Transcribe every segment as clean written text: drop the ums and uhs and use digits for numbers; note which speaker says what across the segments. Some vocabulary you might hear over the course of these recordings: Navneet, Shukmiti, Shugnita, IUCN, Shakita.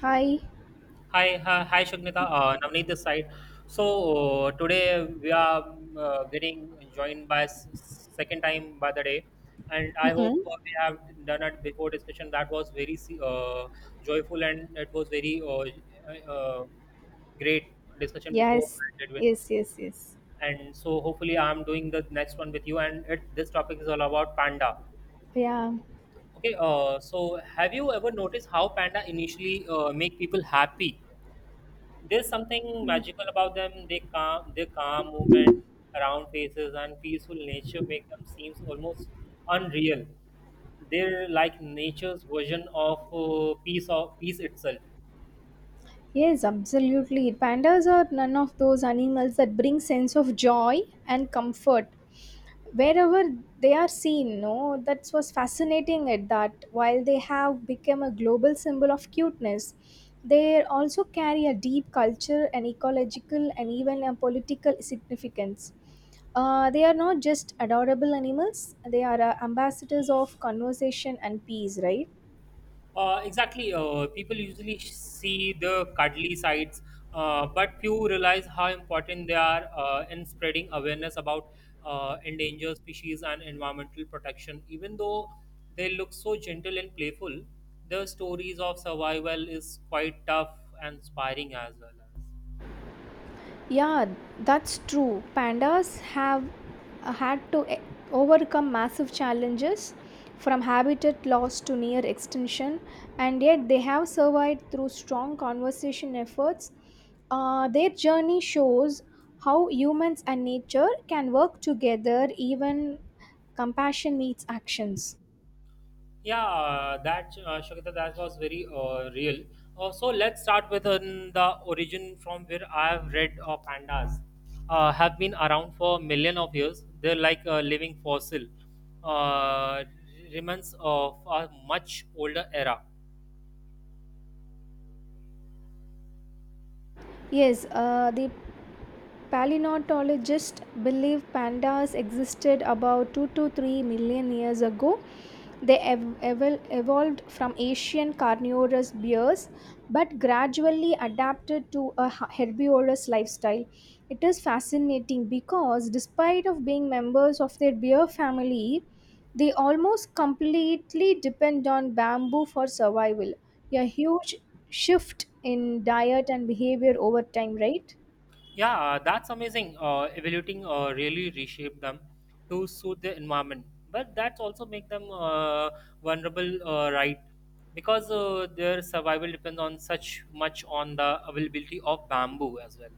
Speaker 1: Hi.
Speaker 2: Hi, hi, hi, Shugnita. Navneet this side. So today we are getting joined by second time by the day, and I hope
Speaker 1: Mm-mm.
Speaker 2: we have done it before discussion. That was very joyful, and it was very great discussion before
Speaker 1: Yes.
Speaker 2: I did with.
Speaker 1: Yes. Yes. Yes.
Speaker 2: And so hopefully I'm doing the next one with you. This topic is all about panda.
Speaker 1: Yeah.
Speaker 2: Okay. So have you ever noticed how panda initially make people happy? There's something magical about them. Their calm movement around faces and peaceful nature make them seem almost unreal. They're like nature's version of peace itself.
Speaker 1: Yes. Absolutely. Pandas are none of those animals that bring sense of joy and comfort wherever they are seen. No, that was fascinating. At that, while they have become a global symbol of cuteness, they also carry a deep culture and ecological and even a political significance. They are not just adorable animals; they are ambassadors of conversation and peace. Right.
Speaker 2: Exactly. People usually see the cuddly sides, but few realize how important they are in spreading awareness about endangered species and environmental protection. Even though they look so gentle and playful, their stories of survival is quite tough and inspiring as well as.
Speaker 1: Yeah, that's true. Pandas have uh, had to e- overcome massive challenges from habitat loss to near extinction, and yet they have survived through strong conservation efforts. Their journey shows how humans and nature can work together even compassion meets actions.
Speaker 2: Yeah, that Shakita, that was very real. So let's start with the origin. From where I have read, pandas have been around for million of years. They're like a living fossil, uh, remains of a much older era.
Speaker 1: Yes, the Paleontologists believe pandas existed about 2 to 3 million years ago. They evolved from Asian carnivorous bears but gradually adapted to a herbivorous lifestyle. It is fascinating because despite of being members of their bear family, they almost completely depend on bamboo for survival. A huge shift in diet and behavior over time, right?
Speaker 2: Yeah, that's amazing. Evaluating really reshape them to suit the environment, but that's also make them vulnerable, right? Because their survival depends on such much on the availability of bamboo as well.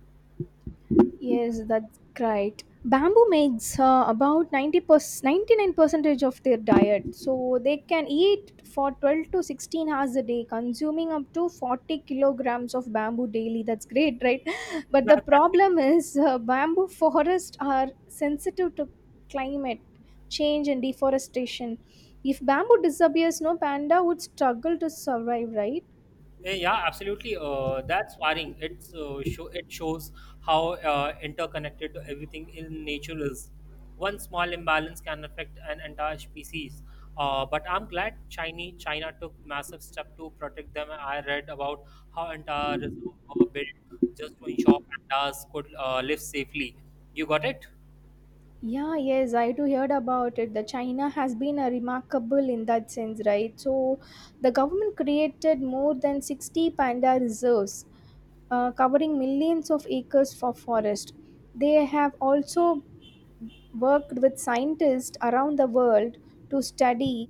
Speaker 1: Yes, that's right. Bamboo makes about 90%, 99 percentage of their diet. So they can eat for 12 to 16 hours a day, consuming up to 40 kilograms of bamboo daily. That's great, right? But
Speaker 2: Yeah,
Speaker 1: the
Speaker 2: that's it.
Speaker 1: problem is bamboo forests are sensitive to climate change and deforestation. If bamboo disappears, no panda would struggle to survive, right?
Speaker 2: Yeah, absolutely. That's worrying. It's shows how interconnected everything in nature is. One small imbalance can affect an entire species. But I'm glad China took massive step to protect them. I read about how entire reserves were built just to ensure pandas could live safely. You got it?
Speaker 1: Yeah, yes, I too heard about it. The China has been a remarkable in that sense, right? So, the government created more than 60 panda reserves, covering millions of acres for forest. They have also worked with scientists around the world to study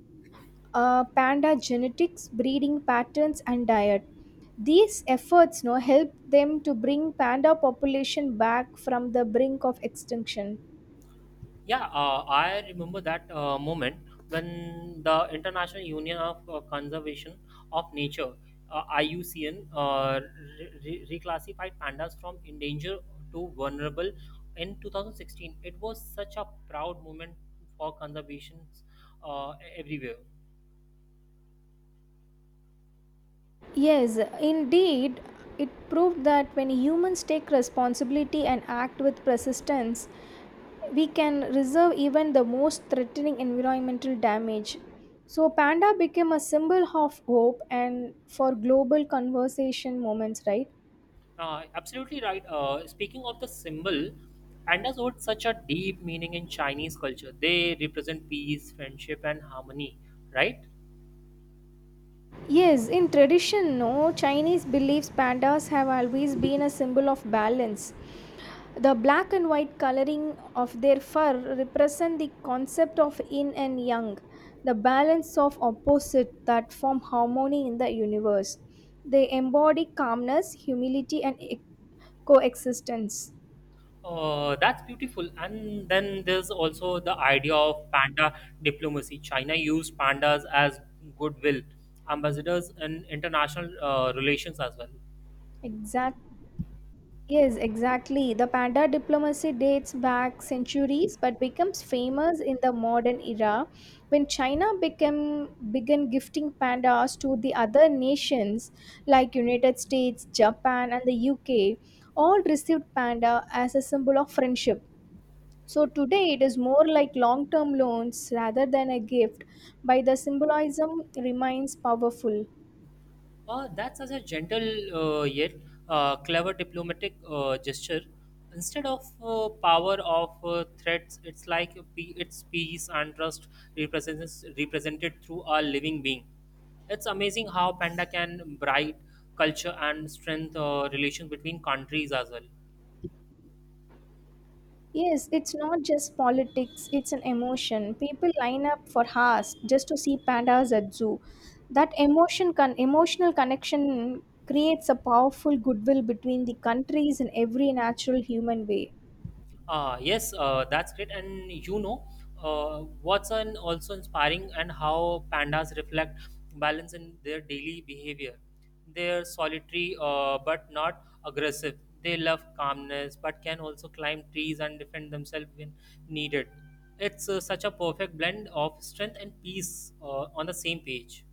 Speaker 1: panda genetics, breeding patterns, and diet. These efforts, no, help them to bring panda population back from the brink of extinction.
Speaker 2: Yeah, I remember that moment when the International Union of Conservation of Nature, IUCN, reclassified pandas from endangered to vulnerable in 2016. It was such a proud moment for conservations everywhere.
Speaker 1: Yes, indeed, it proved that when humans take responsibility and act with persistence, we can reserve even the most threatening environmental damage. So, panda became a symbol of hope and for global conversation moments, right?
Speaker 2: Absolutely right. Speaking of the symbol, pandas hold such a deep meaning in Chinese culture. They represent peace, friendship, and harmony, right?
Speaker 1: Yes, in tradition, no, Chinese beliefs pandas have always been a symbol of balance. The black and white coloring of their fur represent the concept of yin and yang, the balance of opposites that form harmony in the universe. They embody calmness, humility, and coexistence.
Speaker 2: That's beautiful. And then there's also the idea of panda diplomacy. China used pandas as goodwill ambassadors in international relations as well.
Speaker 1: Exactly. Yes, exactly. The panda diplomacy dates back centuries but becomes famous in the modern era when began gifting pandas to the other nations like United States, Japan and the UK. All received panda as a symbol of friendship. So today it is more like long-term loans rather than a gift. But the symbolism remains powerful.
Speaker 2: That's such a gentle yet clever diplomatic gesture. Instead of power of threats, it's like a pe- it's peace and trust represents represented through a living being. It's amazing how panda can bright culture and strength relations between countries as well.
Speaker 1: Yes, it's not just politics, it's an emotion. People line up for hours just to see pandas at zoo. That emotional connection creates a powerful goodwill between the countries in every natural human way.
Speaker 2: Yes, that's great. And you know, what's an also inspiring and how pandas reflect balance in their daily behavior. They're solitary but not aggressive. They love calmness but can also climb trees and defend themselves when needed. It's such a perfect blend of strength and peace on the same page.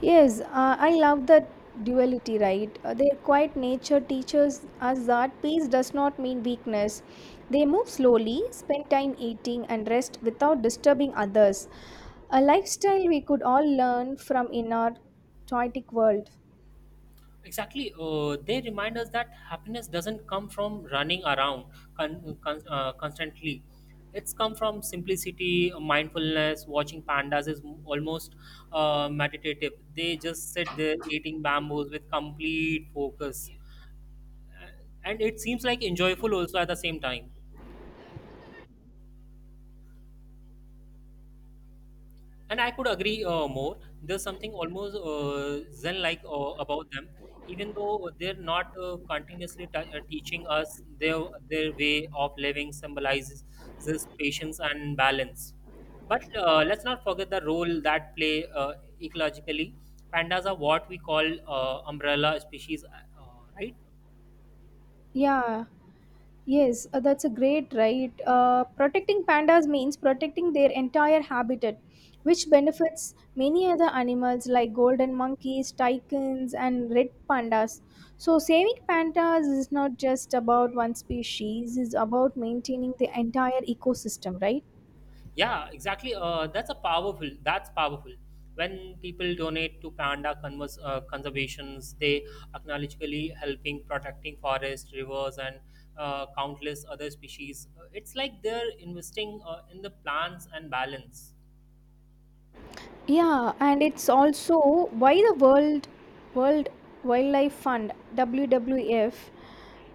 Speaker 1: Yes, I love that duality, right? Their quiet nature teaches us that peace does not mean weakness. They move slowly, spend time eating and rest without disturbing others. A lifestyle we could all learn from in our toitic world.
Speaker 2: Exactly. They remind us that happiness doesn't come from running around constantly. It's come from simplicity, mindfulness. Watching pandas is almost meditative. They just sit there eating bamboos with complete focus, and it seems like enjoyable also at the same time. And I could agree more. There's something almost zen like about them. Even though they're not teaching us, their way of living symbolizes this patience and balance. But let's not forget the role that play, uh, ecologically. Pandas are what we call umbrella species, right?
Speaker 1: Yeah. Yes, that's a great right. Protecting pandas means protecting their entire habitat, which benefits many other animals like golden monkeys, toucans, and red pandas. So, saving pandas is not just about one species, it's about maintaining the entire ecosystem, right?
Speaker 2: Yeah, exactly. That's a powerful. That's powerful. When people donate to panda conservations, they acknowledgeably helping protecting forests, rivers, and countless other species. It's like they're investing in the plants and balance.
Speaker 1: Yeah, and it's also why the World Wildlife Fund (WWF)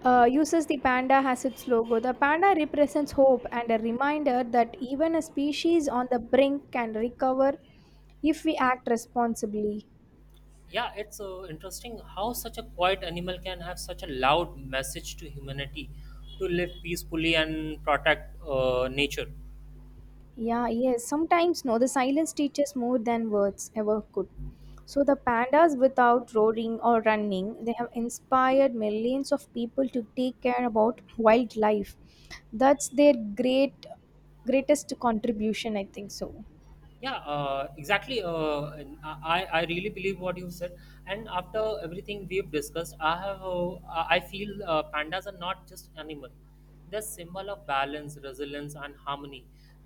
Speaker 1: uses the panda as its logo. The panda represents hope and a reminder that even a species on the brink can recover if we act responsibly.
Speaker 2: Yeah, it's interesting how such a quiet animal can have such a loud message to humanity to live peacefully and protect nature.
Speaker 1: Yeah, yes. Sometimes, no, the silence teaches more than words ever could. So, the pandas, without roaring or running, they have inspired millions of people to take care about wildlife. That's their greatest contribution, I think so.
Speaker 2: Yeah, exactly. And I really believe what you said, and after everything we've discussed, I have I feel pandas are not just animal, they're symbol of balance, resilience, and harmony.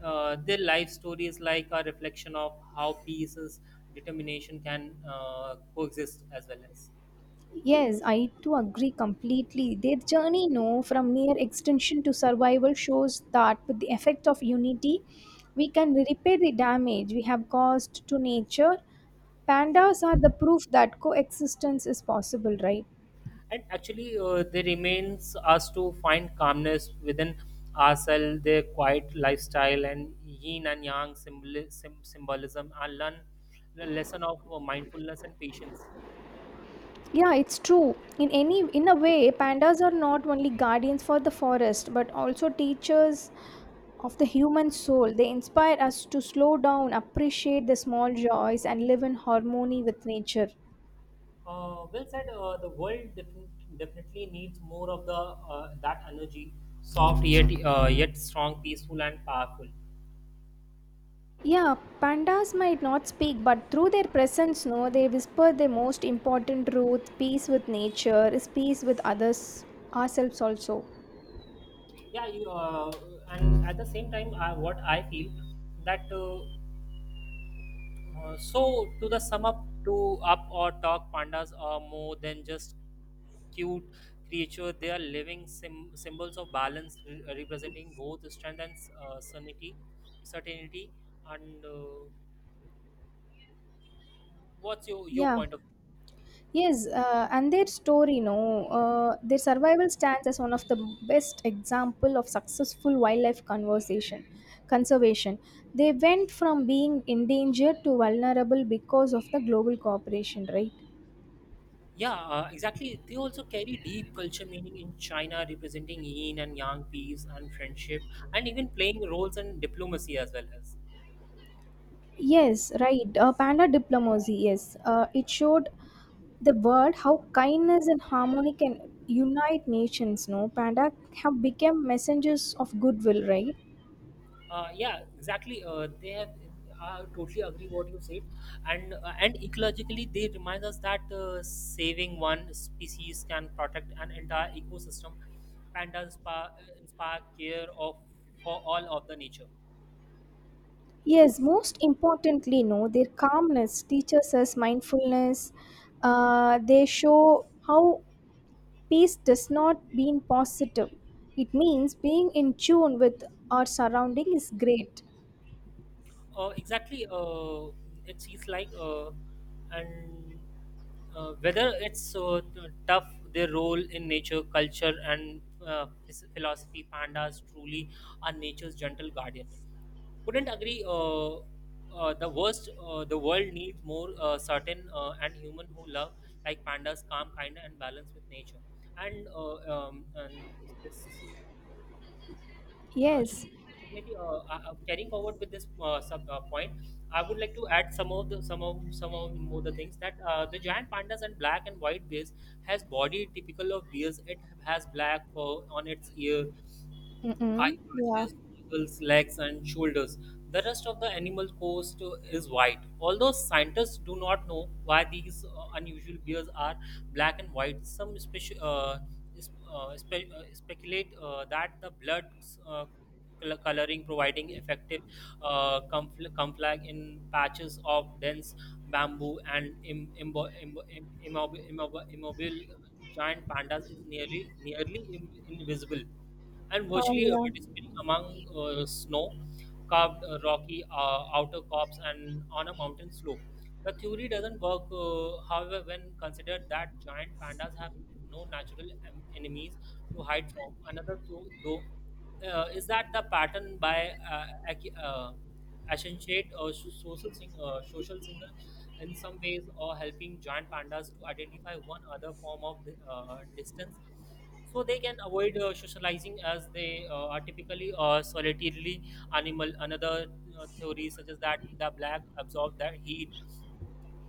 Speaker 2: Their life story is like a reflection of how peace is determination can coexist as well as.
Speaker 1: Yes, I too agree completely. Their journey, no, from near extinction to survival shows that with the effect of unity, we can repair the damage we have caused to nature. Pandas are the proof that coexistence is possible, right?
Speaker 2: And actually, they remains us to find calmness within ourselves, their quiet lifestyle, and yin and yang symbolism, and learn the lesson of mindfulness and patience.
Speaker 1: Yeah, it's true in any, in a way pandas are not only guardians for the forest but also teachers of the human soul. They inspire us to slow down, appreciate the small joys and live in harmony with nature.
Speaker 2: Well said. The world definitely needs more of the that energy, soft yet yet strong, peaceful and powerful.
Speaker 1: Yeah, pandas might not speak, but through their presence, no, they whisper the most important truth: peace with nature is peace with others, ourselves also.
Speaker 2: Yeah, and at the same time, what I feel that So to the sum up to up or talk, pandas are more than just cute creature. They are living symbols of balance, representing both strength and sanity, certainty, and what's your
Speaker 1: Yeah.
Speaker 2: point of.
Speaker 1: Yes, and their story, no, their survival stands as one of the best example of successful wildlife conservation. Conservation. They went from being endangered to vulnerable because of the global cooperation, right?
Speaker 2: Yeah, exactly. They also carry deep culture meaning in China, representing yin and yang, peace and friendship, and even playing roles in diplomacy as well as.
Speaker 1: Yes, right. Panda diplomacy. Yes, it showed the world how kindness and harmony can unite nations. No, panda have become messengers of goodwill, right?
Speaker 2: Yeah, exactly. They have. I totally agree what you said, and ecologically they remind us that saving one species can protect an entire ecosystem. Pandas inspire care of for all of the nature.
Speaker 1: Yes, most importantly, no, their calmness teaches us mindfulness. They show how peace does not mean positive. It means being in tune with our surrounding is great.
Speaker 2: Exactly. It seems like and whether it's tough their role in nature, culture, and philosophy. Pandas truly are nature's gentle guardian. Couldn't agree. The world needs more certain and human who love like pandas, calm, kind, and balance with nature. And this
Speaker 1: Yes.
Speaker 2: Shukmiti, Shukmiti, carrying forward with this sub point, I would like to add some of more the things that, the giant pandas and black and white bears has body typical of bears. It has black fur on its ear, high
Speaker 1: Mm-mm. Yeah.
Speaker 2: patches, knuckles, legs, and shoulders. The rest of the animal's coat is white. Although scientists do not know why these unusual bears are black and white, some speculate that the blood uh, coloring providing effective camouflage in patches of dense bamboo, and immobile giant pandas is nearly invisible and
Speaker 1: Oh,
Speaker 2: virtually
Speaker 1: yeah.
Speaker 2: disappearing among snow carved rocky outer cops and on a mountain slope. The theory doesn't work, however, when considered that giant pandas have no natural enemies to hide from. Another, though, is that the pattern by accentuate or social signal in some ways or helping giant pandas to identify one other form of distance, so they can avoid socializing, as they are typically solitarily animal. Another theory such as that the black absorb their heat,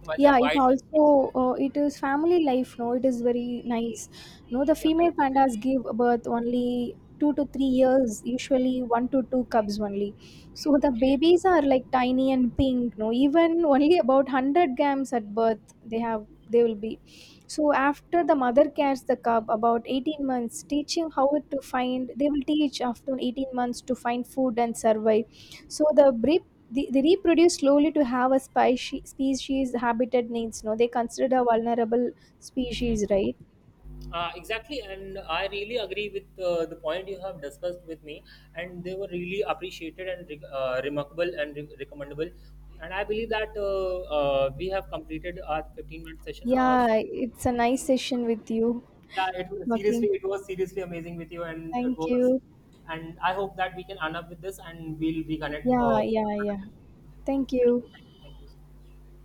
Speaker 2: while the
Speaker 1: Yeah, it
Speaker 2: white.
Speaker 1: also, it is family life, no, it is very nice. No, the
Speaker 2: Yeah, yeah,
Speaker 1: female pandas give birth only 2 to 3 years, usually 1 to 2 cubs only. So the
Speaker 2: okay.
Speaker 1: babies are like tiny and pink, no, even only about 100 grams at birth. They will be. So after the mother carries the cub about 18 months teaching how it to find, they will teach after 18 months to find food and survive. So the breed, they reproduce slowly to have a species habitat needs. No, they considered a vulnerable species, right?
Speaker 2: Exactly, and I really agree with the point you have discussed with me, and they were really appreciated and remarkable and recommendable. And I believe that we have completed our 15-minute minute session.
Speaker 1: Yeah,
Speaker 2: So,
Speaker 1: it's a nice
Speaker 2: and,
Speaker 1: session with you.
Speaker 2: yeah, it
Speaker 1: Talking.
Speaker 2: it was seriously amazing with you, and it
Speaker 1: Thank
Speaker 2: was,
Speaker 1: you.
Speaker 2: and I hope that we can end up with this, and we'll reconnect.
Speaker 1: Yeah, yeah, yeah. Thank
Speaker 2: Thank
Speaker 1: you.
Speaker 2: you, thank you, thank you so much.